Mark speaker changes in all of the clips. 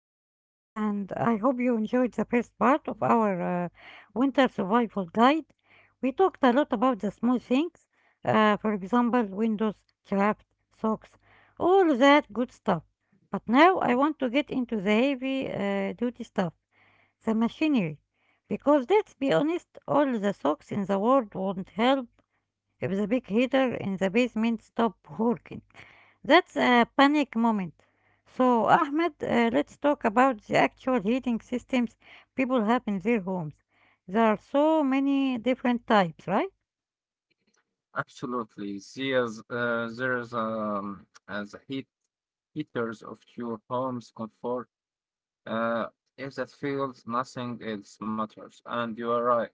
Speaker 1: Mohammed, and I hope you enjoyed the first part of our winter survival guide. We talked a lot about the small things, for example, windows, craft, socks, all that good stuff. But now I want to get into the heavy duty stuff, the machinery. Because let's be honest, all the socks in the world won't help if the big heater in the basement stop working. That's a panic moment. So, Ahmed, let's talk about the actual heating systems people have in their homes. There are so many different types, right?
Speaker 2: Absolutely. See, as heat heaters of your home's comfort. Uh, if that fails, nothing else matters. And you are right.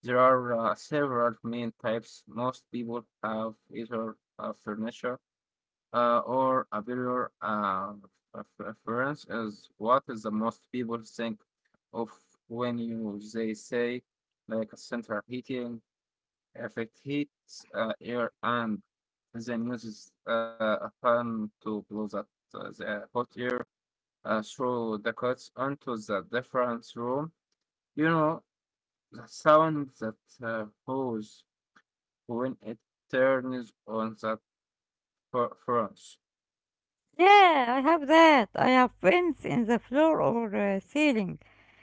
Speaker 2: There are several main types. Most people have either a furniture or a barrier. A preference is what is the most people think of when you they say like a central heating if it heats air and then uses a fan to blow that the hot air through the cuts onto the different room, you know the sound that goes when it turns on the furnace.
Speaker 1: Yeah, I have that. I have vents in the floor or ceiling,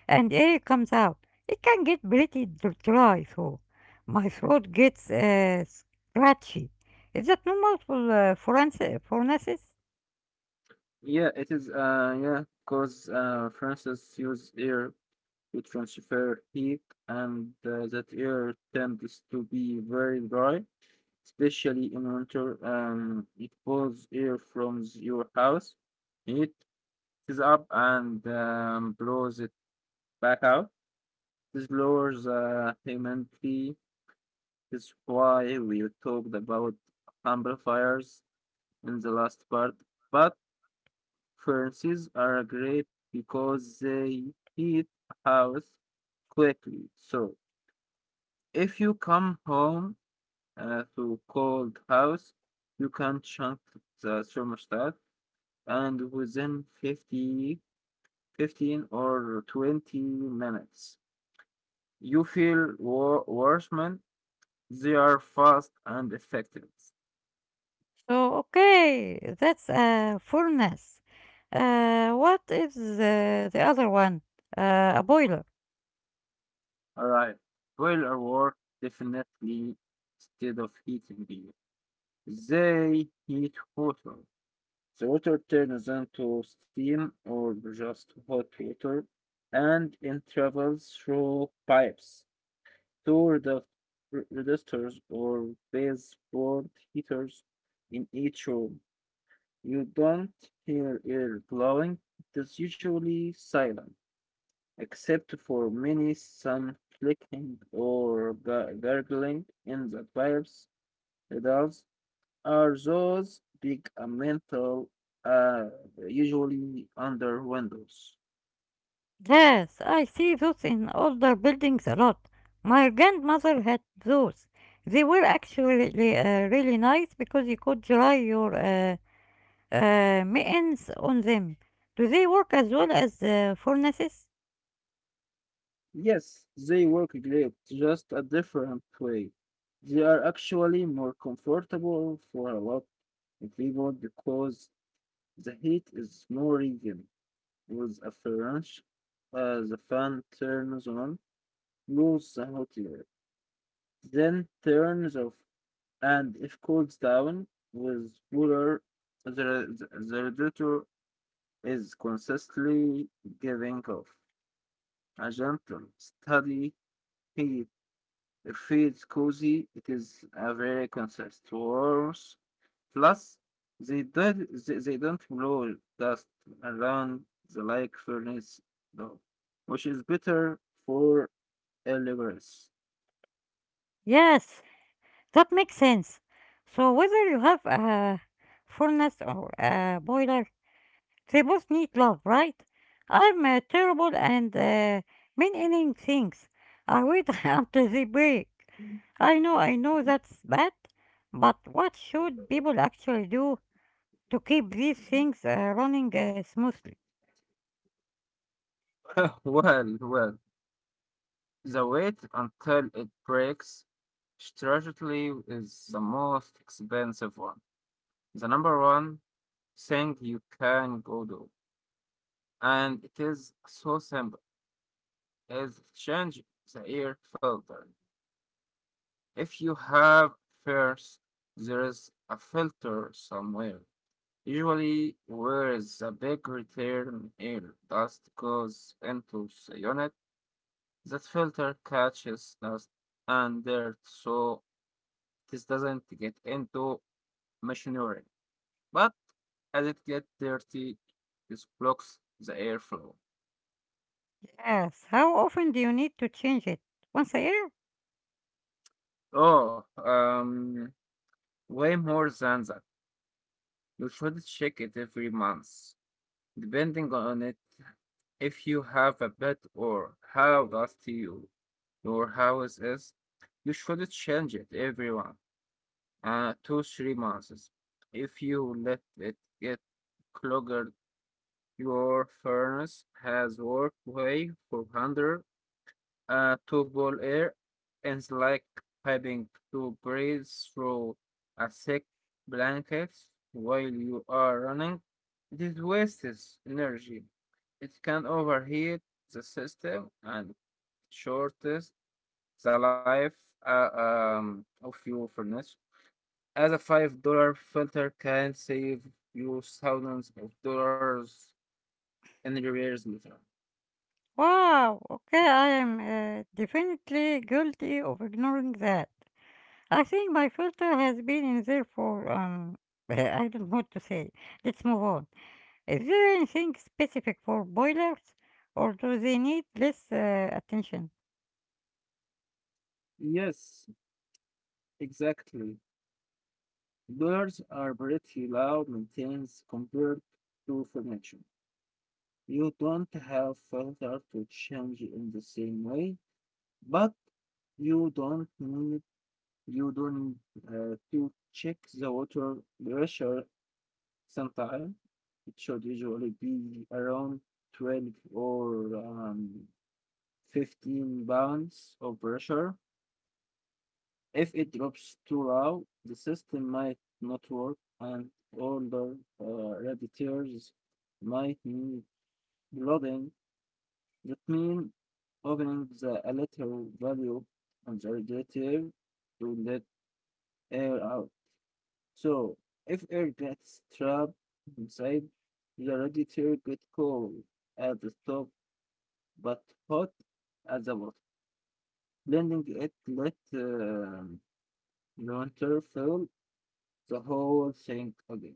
Speaker 1: and air comes out. It can get pretty dry, so my throat gets scratchy. Is that normal for furnaces?
Speaker 2: Yeah, it is. Yeah, because furnaces use air to transfer heat, and that air tends to be very dry especially in winter. It pulls air from your house, it is up and blows it back out. This lowers humidity. That's why we talked about amplifiers in the last part. But furnaces are great because they heat a house quickly. So if you come home to cold house, you can chunk the thermostat and within 50, 15, or 20 minutes, you feel worse, man. They are fast and effective.
Speaker 1: So, okay, that's a furnace. What is the other one? A boiler.
Speaker 2: All right. Boiler work definitely instead of heating beer. They heat water. The water turns into steam or just hot water and it travels through pipes two redu- resistors or baseboard heaters in each room. You don't hear air blowing. It's usually silent, except for many some clicking or gurgling in the pipes. Adults are those big metal, uh, usually under windows.
Speaker 1: Yes, I see those in older buildings a lot. My grandmother had those. They were actually really nice because you could dry your mittens on them. Do they work as well as furnaces?
Speaker 2: Yes, they work great, just a different way. They are actually more comfortable for a lot of people because the heat is more even. With a French, the fan turns on, moves the hot air, then turns off, and if cools down with cooler, the radiator is consistently giving off a gentle, steady heat. It feels cozy. It is a very concise source. Plus, they don't blow dust around the like furnace though, which is better for deliveries.
Speaker 1: Yes, that makes sense. So whether you have a furnace or a boiler, they both need love, right? I'm terrible and mean-ending things. I wait until they break. I know that's bad, but what should people actually do to keep these things running smoothly?
Speaker 2: Well, the wait until it breaks strategically is the most expensive one. The number one thing you can go do. And it is so simple is change the air filter. If you have fears, there is a filter somewhere, usually where the big return air dust goes into the unit. That filter catches dust and dirt so this doesn't get into machinery. But as it gets dirty, this blocks the airflow.
Speaker 1: Yes, how often do you need to change it? Once a year?
Speaker 2: Oh, um, Way more than that. You should check it every month, depending on it. If you have a pet or how dusty your house is, you should change it every one, two, 3 months. If you let it get clogged, your furnace has worked way for 100 to ball air is like having to breathe through a thick blanket while you are running. This wastes energy. It can overheat the system and shortens the life of your furnace. As a $5 filter can save you thousands of dollars in repairs later.
Speaker 1: Wow, okay, I am definitely guilty of ignoring that. I think my filter has been in there for, I don't know what to say. Let's move on. Is there anything specific for boilers, or do they need less attention?
Speaker 2: Yes, exactly. Dollars are pretty low maintenance compared to furniture. You don't have filter to change in the same way, but you don't need you don't to check the water pressure sometime. It should usually be around 12 or 15 pounds of pressure. If it drops too low, the system might not work and older radiators might need loading. That means opening the lateral valve on the radiator to let air out. So if air gets trapped inside, the radiator gets cold at the top but hot at the bottom. Blending it let the winter fill the whole thing again.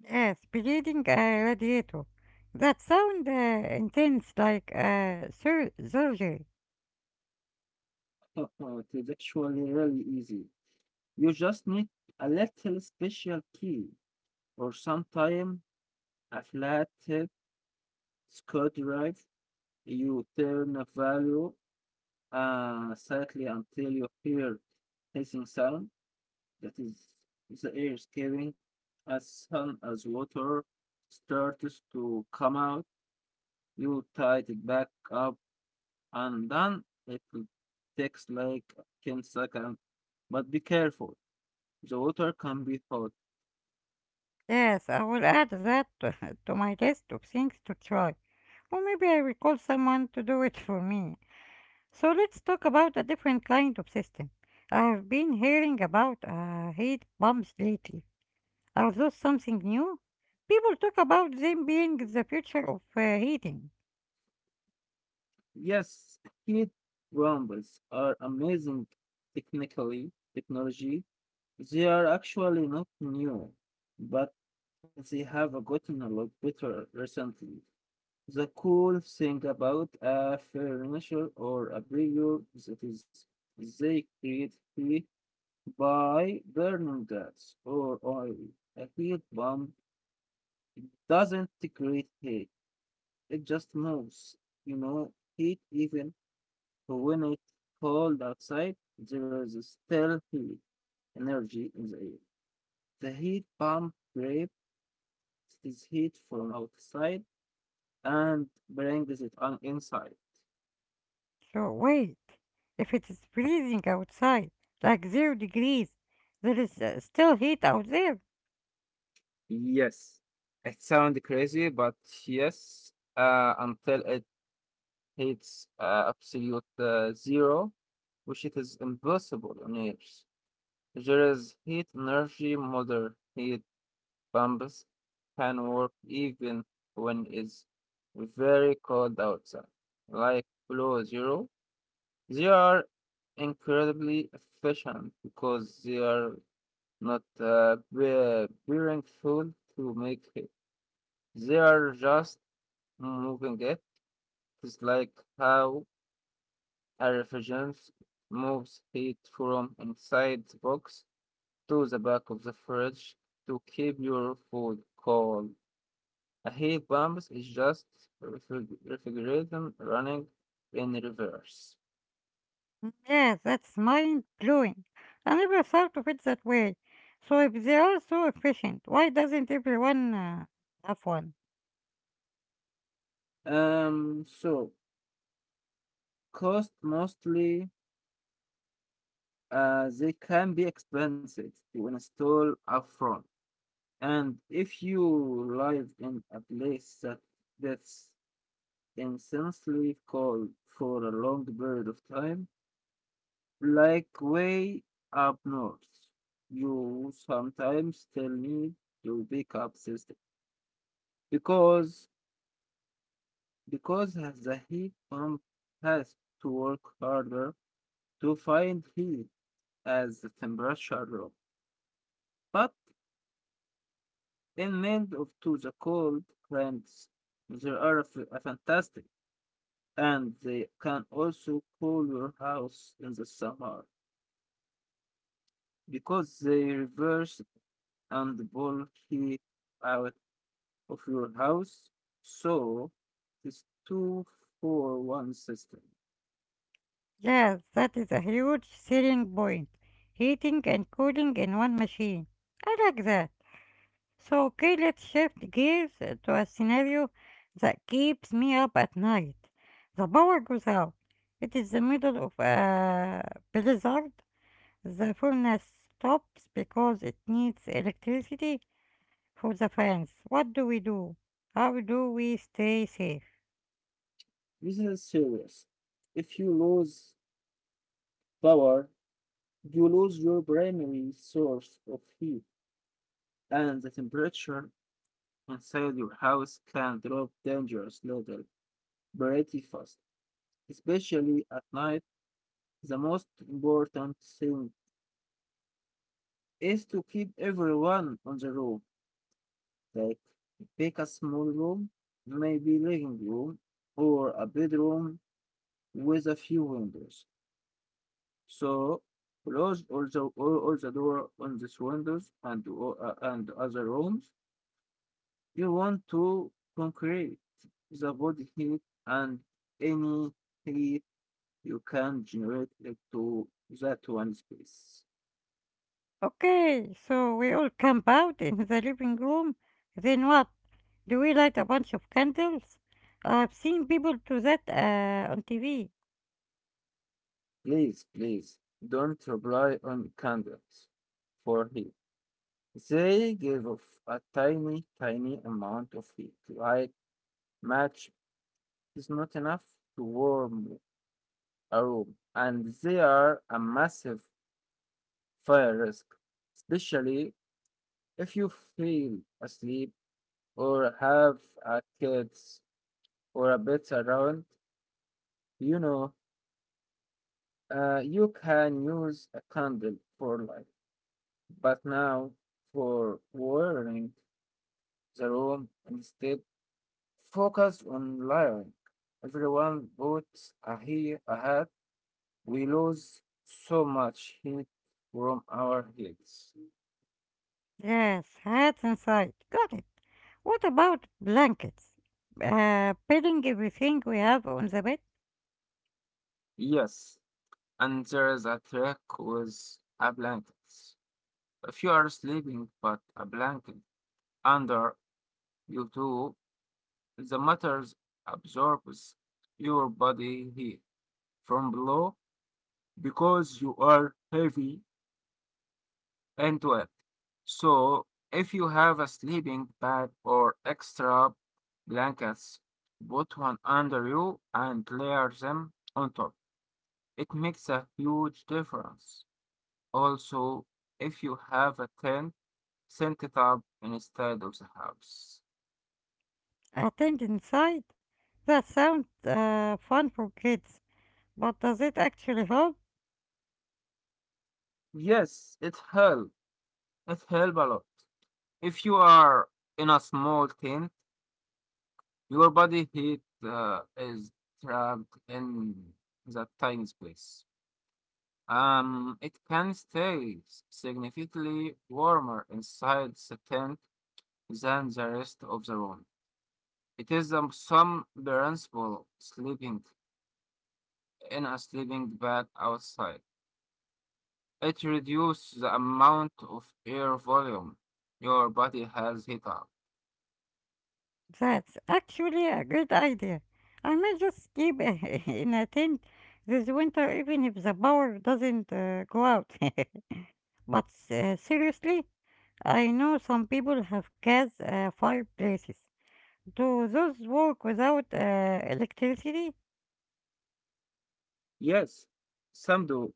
Speaker 1: Yes, bleeding a radiator. That sound intense like surgery.
Speaker 2: Uh-oh, it is actually really easy. You just need a little special key or sometime a flat head screw drive. You turn a value slightly until you hear hissing sound. That is the air escaping as soon as water starts to come out. You tie it back up and done. It will takes like 10 seconds. But be careful. The water can be hot.
Speaker 1: Yes, I will add that to my list of things to try. Or maybe I will call someone to do it for me. So let's talk about a different kind of system. I have been hearing about heat pumps lately. Are those something new? People talk about them being the future of heating.
Speaker 2: Yes, heat rumbles are amazing technology. They are actually not new, but they have gotten a lot better recently. The cool thing about a furniture or a brewer that is they create heat by burning gas or oil. A heat bomb doesn't create heat, it just moves. You know, heat even when it's cold outside, there is still heat energy in the air. The heat pump grabs this heat from outside and brings it on inside.
Speaker 1: So wait, if it is freezing outside, like zero degrees, there is still heat out there.
Speaker 2: Yes, it sounds crazy, but yes, until it hits absolute zero, which it is impossible on Earth. There is heat energy, modern heat pumps can work even when it's very cold outside, like below zero. They are incredibly efficient because they are not bearing fuel to make it. They are just moving it. It's like how a refrigerant moves heat from inside the box to the back of the fridge to keep your food cold. A heat pump is just refrigerator running in reverse.
Speaker 1: Yes, that's mind blowing. I never thought of it that way. So if they are so efficient, why doesn't everyone have one?
Speaker 2: So cost mostly they can be expensive to install upfront, and if you live in a place that that's intensely cold for a long period of time, like way up north, you sometimes still need to pick up system because because as the heat pump has to work harder to find heat as the temperature drops. But in made of to the cold plants, they are a fantastic and they can also cool your house in the summer because they reverse and pull heat out of your house. So this two for one system.
Speaker 1: Yes, that is a huge selling point. Heating and cooling in one machine. I like that. So, okay, let's shift gears to a scenario that keeps me up at night. The power goes out. It is the middle of a blizzard. The furnace stops because it needs electricity for the fans. What do we do? How do we stay safe?
Speaker 2: This is serious. If you lose power, you lose your primary source of heat, and the temperature inside your house can drop dangerous level pretty fast, especially at night. The most important thing is to keep everyone on the room. Like pick a small room, maybe living room or a bedroom with a few windows. So close all the door on these windows and and other rooms. You want to concrete the body heat and any heat you can generate it to that one space.
Speaker 1: Okay, so we all camp out in the living room. Then what? Do we light a bunch of candles? I've seen people do that on TV.
Speaker 2: Please, please don't rely on candles for heat. They give off a tiny, tiny amount of heat. Like match is not enough to warm a room, and they are a massive fire risk, especially if you feel asleep or have a kids or a pets around, you know, you can use a candle for light. But now, for warming the room, instead focus on layering. Everyone puts a hat. We lose so much heat from our heads.
Speaker 1: Yes, hats inside. Got it. What about blankets? Putting everything we have on the bed,
Speaker 2: Yes, and there is a trick with a blanket. If you are sleeping, put a blanket under you too. The matters absorbs your body heat from below because you are heavy into it. So if you have a sleeping bag or extra blankets, put one under you and layer them on top. It makes a huge difference. Also, if you have a tent, send it up instead of the house.
Speaker 1: a tent inside. That sounds fun for kids, but does it actually help?
Speaker 2: Yes, it helps. It helps a lot. If you are in a small tent, your body heat is trapped in that tiny space. It can stay significantly warmer inside the tent than the rest of the room. It is some principle sleeping in a sleeping bag outside. It reduces the amount of air volume your body has heat up.
Speaker 1: That's actually a good idea. I might just keep in a tent this winter even if the power doesn't go out. But seriously, I know some people have gas fireplaces. Do those work without electricity?
Speaker 2: Yes, some do,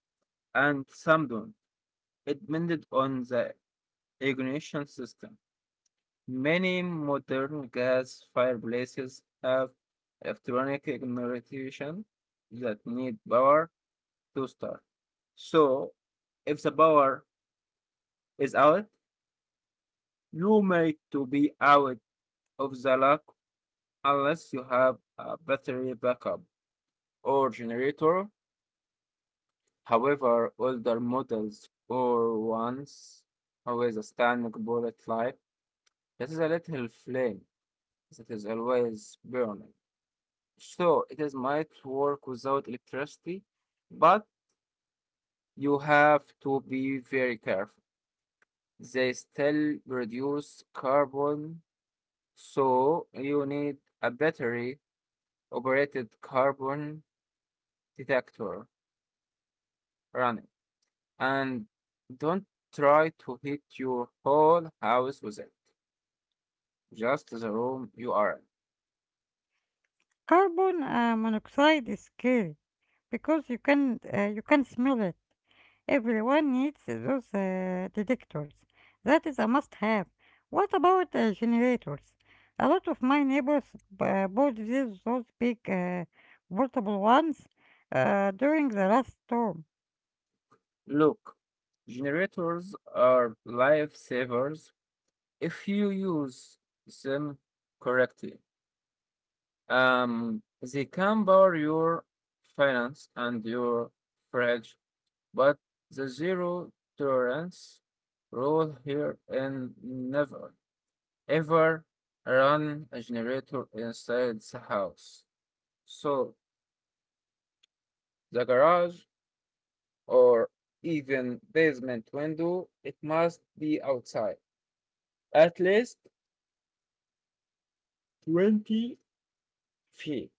Speaker 2: and some don't. It depended on the ignition system. Many modern gas fireplaces have electronic ignition that need power to start. So, if the power is out, you may to be out of the lock unless you have a battery backup or generator. However, older models or ones with a standard bullet light that is a little flame. It is always burning. So it is might work without electricity, but you have to be very careful. They still produce carbon, so you need a battery operated carbon detector running. And don't try to heat your whole house with it, just the room you are in.
Speaker 1: Carbon monoxide is scary because you can smell it. Everyone needs those detectors. That is a must have. What about generators? A lot of my neighbors bought these, those big portable ones during the last storm.
Speaker 2: Look, generators are lifesavers if you use them correctly. They can power your finance and your fridge, but the zero tolerance rule here and never ever run a generator inside the house. So the garage or even basement window, it must be outside at least 20 feet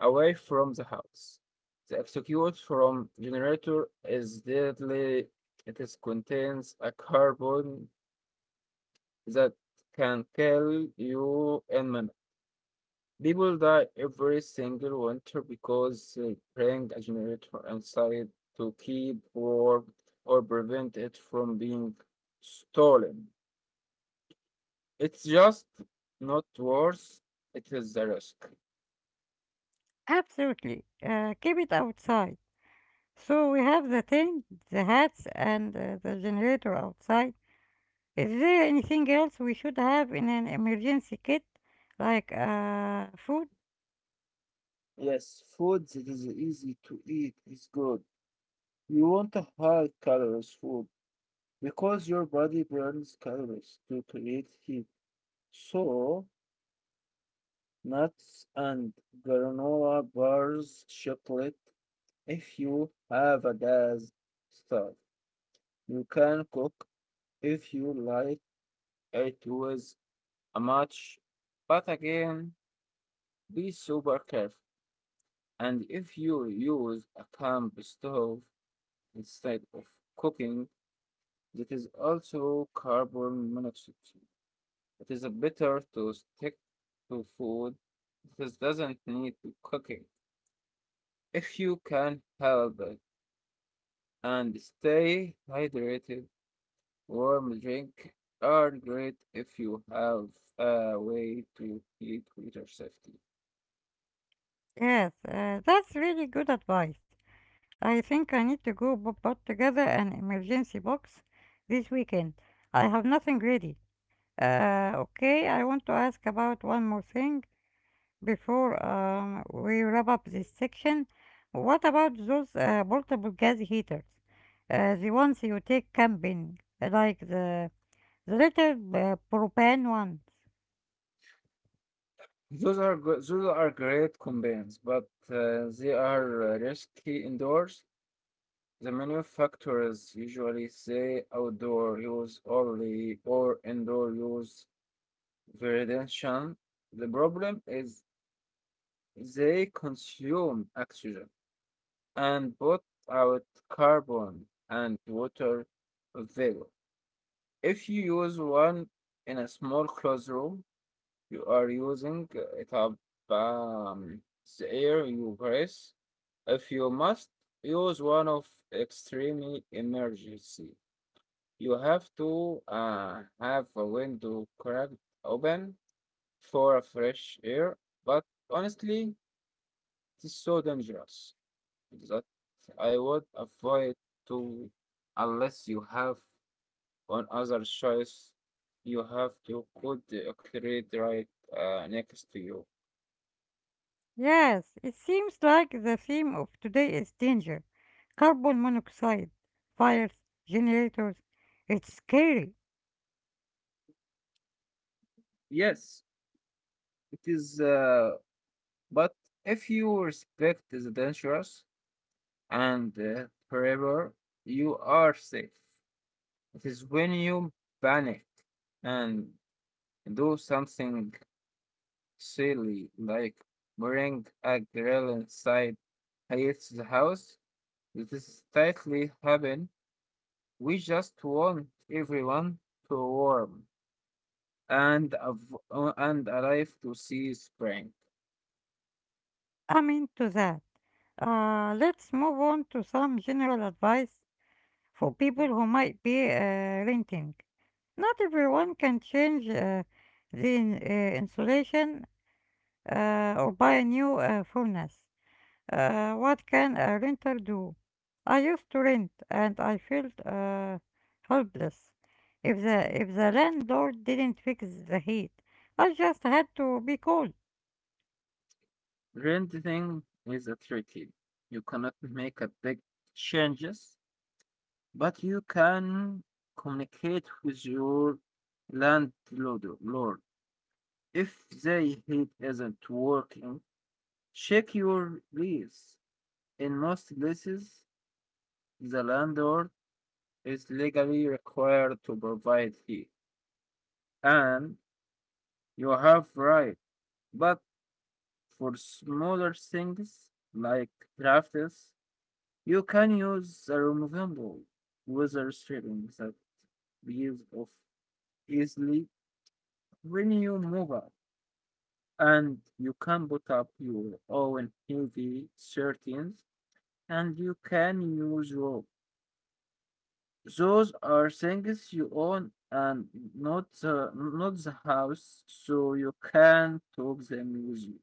Speaker 2: away from the house. The execute from generator is deadly. It is contains a carbon that can kill you in minutes. People die every single winter because they bring a generator inside to keep warm or prevent it from being stolen. It's just not worse. It is the risk.
Speaker 1: Absolutely. Keep it outside. So we have the tent, the hats, and the generator outside. Is there anything else we should have in an emergency kit? Like food?
Speaker 2: Yes, food that is easy to eat is good. You want to high calories food because your body burns calories to create heat. So, nuts and granola bars, chocolate. If you have a day's start, you can cook if you like it with a much, but again, be super careful. And if you use a camp stove instead of cooking, that is also carbon monoxide. It is better to stick to food that doesn't need cooking. If you can help it and stay hydrated, warm drink are great if you have a way to heat water safety.
Speaker 1: Yes, that's really good advice. I think I need to put together an emergency box this weekend. I have nothing ready. Okay, I want to ask about one more thing before we wrap up this section. What about those portable gas heaters? The ones you take camping, like the little propane ones.
Speaker 2: Those are great combines, but they are risky indoors. The manufacturers usually say outdoor use only or indoor use variation, the problem is they consume oxygen and put out carbon and water vapor. If you use one in a small closed room, you are using it up um, the air you breathe. If you must use one of extreme emergency, you have to have a window cracked open for a fresh air, but honestly, it is so dangerous that I would avoid to unless you have one other choice. You have to put the create right next to you.
Speaker 1: Yes, it seems like the theme of today is danger. Carbon monoxide, fires, generators. It's scary.
Speaker 2: Yes, it is. But if you respect the dangerous and forever, you are safe. It is when you panic and do something silly, like bring a grill inside Hayat's house. This is tightly heaven. We just want everyone to warm and and alive to see spring.
Speaker 1: I'm into that. Let's move on to some general advice for people who might be renting. Not everyone can change insulation or buy a new furnace. What can a renter do? I used to rent and I felt helpless. If the landlord didn't fix the heat, I just had to be cold.
Speaker 2: Renting is a tricky. You cannot make a big changes, but you can communicate with your landlord. Lord. If the heat isn't working, check your lease. In most places, the landlord is legally required to provide heat, and you have right. But for smaller things like drafts, you can use the removable weather stripping that peels off easily when you move out, and you can put up your own heavy curtains, and you can use rope. Those are things you own and not the house, so you can talk them with you.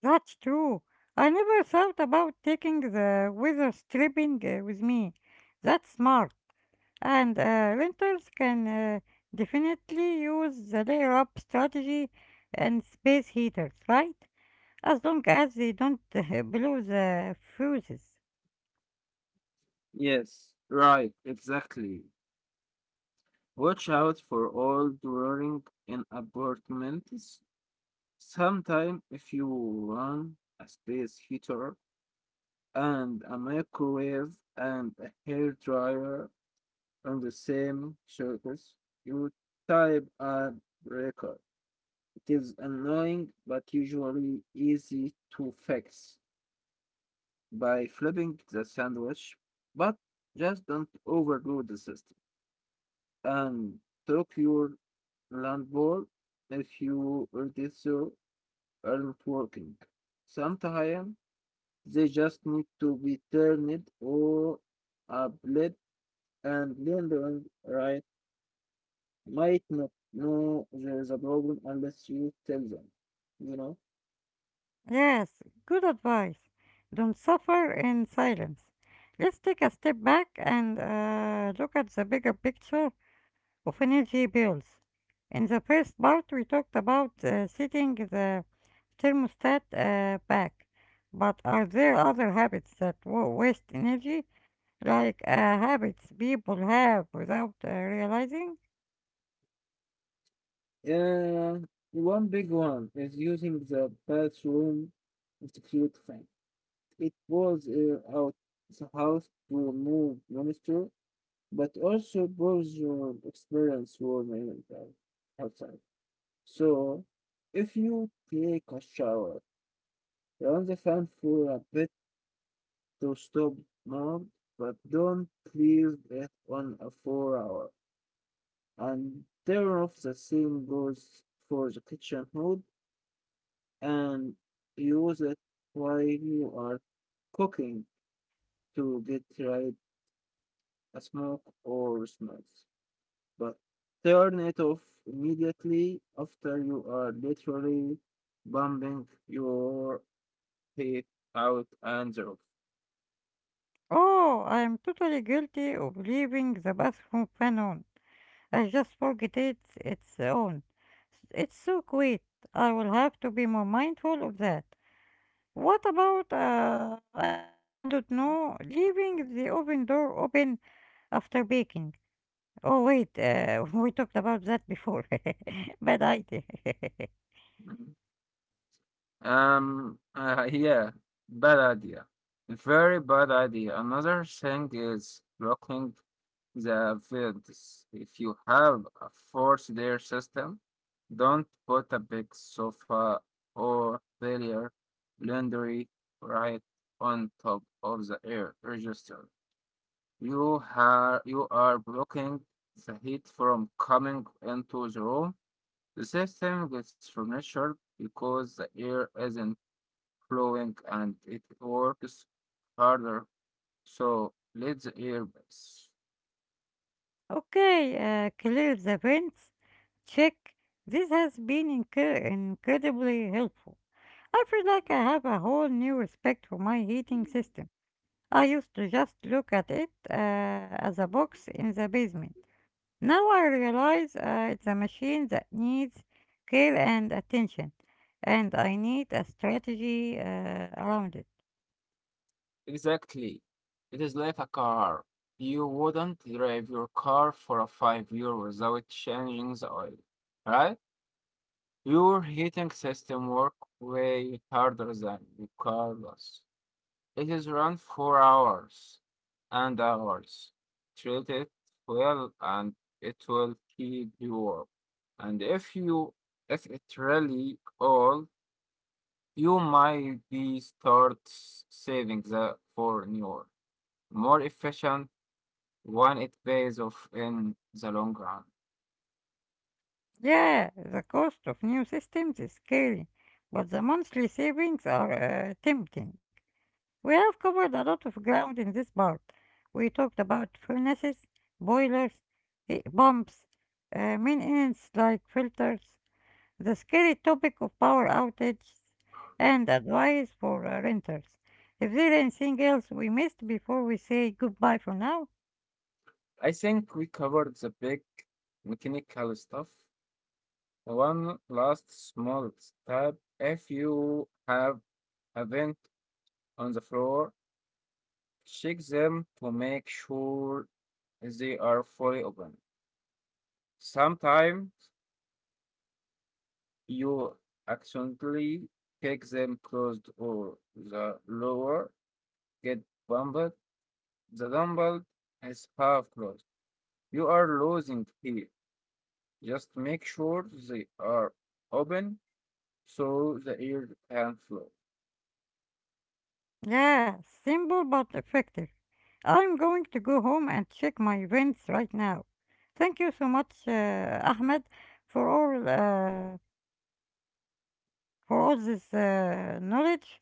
Speaker 1: That's true. I never thought about taking the weather stripping with me. That's smart. And renters can definitely use the layer up strategy and space heaters, right? As long as they don't blow the fuses.
Speaker 2: Yes, right, exactly. Watch out for all drawing in apartments. Sometime if you want a space heater and a microwave and a hair dryer on the same surface, you type a breaker. It is annoying but usually easy to fix by flipping the sandwich, but just don't overload the system and took your landlord if you register aren't working. Sometimes they just need to be turned or a blip and lending right might not know there's a problem unless you tell them, you know?
Speaker 1: Yes, good advice. Don't suffer in silence. Let's take a step back and look at the bigger picture of energy bills. In the first part, we talked about setting the thermostat back. But are there other habits that waste energy, like habits people have without realizing?
Speaker 2: Uh, One big one is using the bathroom as a cute thing. It was out the house to remove moisture, but also bores your experience warm air outside. So, if you take a shower, run the fan for a bit to stop mold, but don't leave it on a 4 hour and turn off the same goes for the kitchen hood and use it while you are cooking to get rid a smoke or smells. But turn it off immediately after you are literally bumping your head out and off.
Speaker 1: Oh, I am totally guilty of leaving the bathroom fan on. I just forget it its own. It's so quiet. I will have to be more mindful of that. What about, I don't know, leaving the oven door open after baking? We talked about that before. Bad idea.
Speaker 2: Mm. Yeah, bad idea. Very bad idea. Another thing is blocking the fields. If you have a four-tier system, don't put a big sofa or barrier laundry right on top of the air register. You are blocking the heat from coming into the room. The system gets furnished because the air isn't flowing and it works harder. So let the air pass.
Speaker 1: Okay, clear the vents. Check. This has been incredibly helpful. I feel like I have a whole new respect for my heating system. I used to just look at it as a box in the basement. Now I realize it's a machine that needs care and attention, and I need a strategy around it.
Speaker 2: Exactly. It is like a car. You wouldn't drive your car for a 5 year without changing the oil, right? Your heating system work way harder than your car does. It is run for hours and hours. Treat it well and it will keep you warm. And if it really all, you might be saving that for newer more efficient when it pays off in the long run.
Speaker 1: Yeah, the cost of new systems is scary, but the monthly savings are tempting. We have covered a lot of ground in this part. We talked about furnaces, boilers, heat pumps, maintenance like filters, the scary topic of power outages and advice for renters. Is there anything else we missed before we say goodbye for now?
Speaker 2: I think we covered the big mechanical stuff. One last small step. If you have a vent on the floor, check them to make sure they are fully open. Sometimes you accidentally kick them closed or the lower get bumped. The dumbbell is half closed. You are losing heat. Just make sure they are open so the air can flow.
Speaker 1: Yeah, simple but effective. I'm going to go home and check my events right now. Thank you so much, Ahmed, for all uh, for all this knowledge.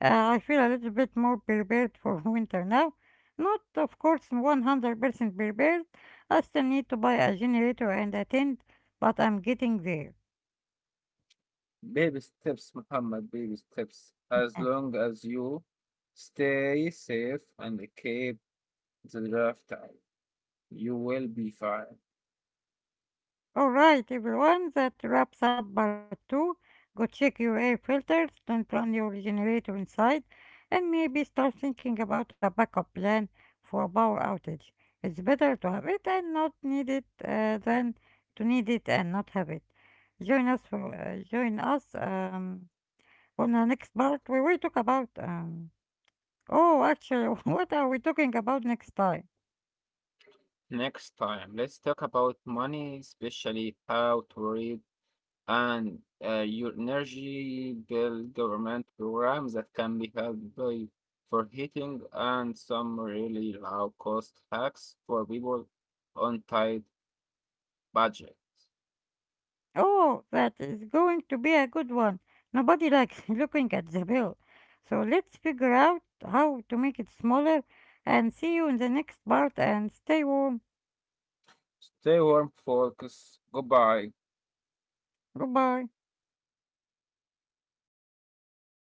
Speaker 1: I feel a little bit more prepared for winter now. Not, of course, 100% prepared. I still need to buy a generator and a tent, but I'm getting there.
Speaker 2: Baby steps, Muhammad, baby steps. As long as you stay safe and keep the draft out, you will be fine.
Speaker 1: Alright, everyone, that wraps up part 2. Go check your air filters, don't run your generator inside, and maybe start thinking about a backup plan for a power outage. It's better to have it and not need it than to need it and not have it. Join us. On the next part, we will talk about. What are we talking about next time?
Speaker 2: Next time, let's talk about money, especially how to read and your energy bill government programs that can be helped by for heating and some really low cost hacks for people on tight budgets.
Speaker 1: Oh, that is going to be a good one. Nobody likes looking at the bill. So let's figure out how to make it smaller and see you in the next part and stay warm.
Speaker 2: Stay warm, folks. Goodbye.
Speaker 1: Goodbye.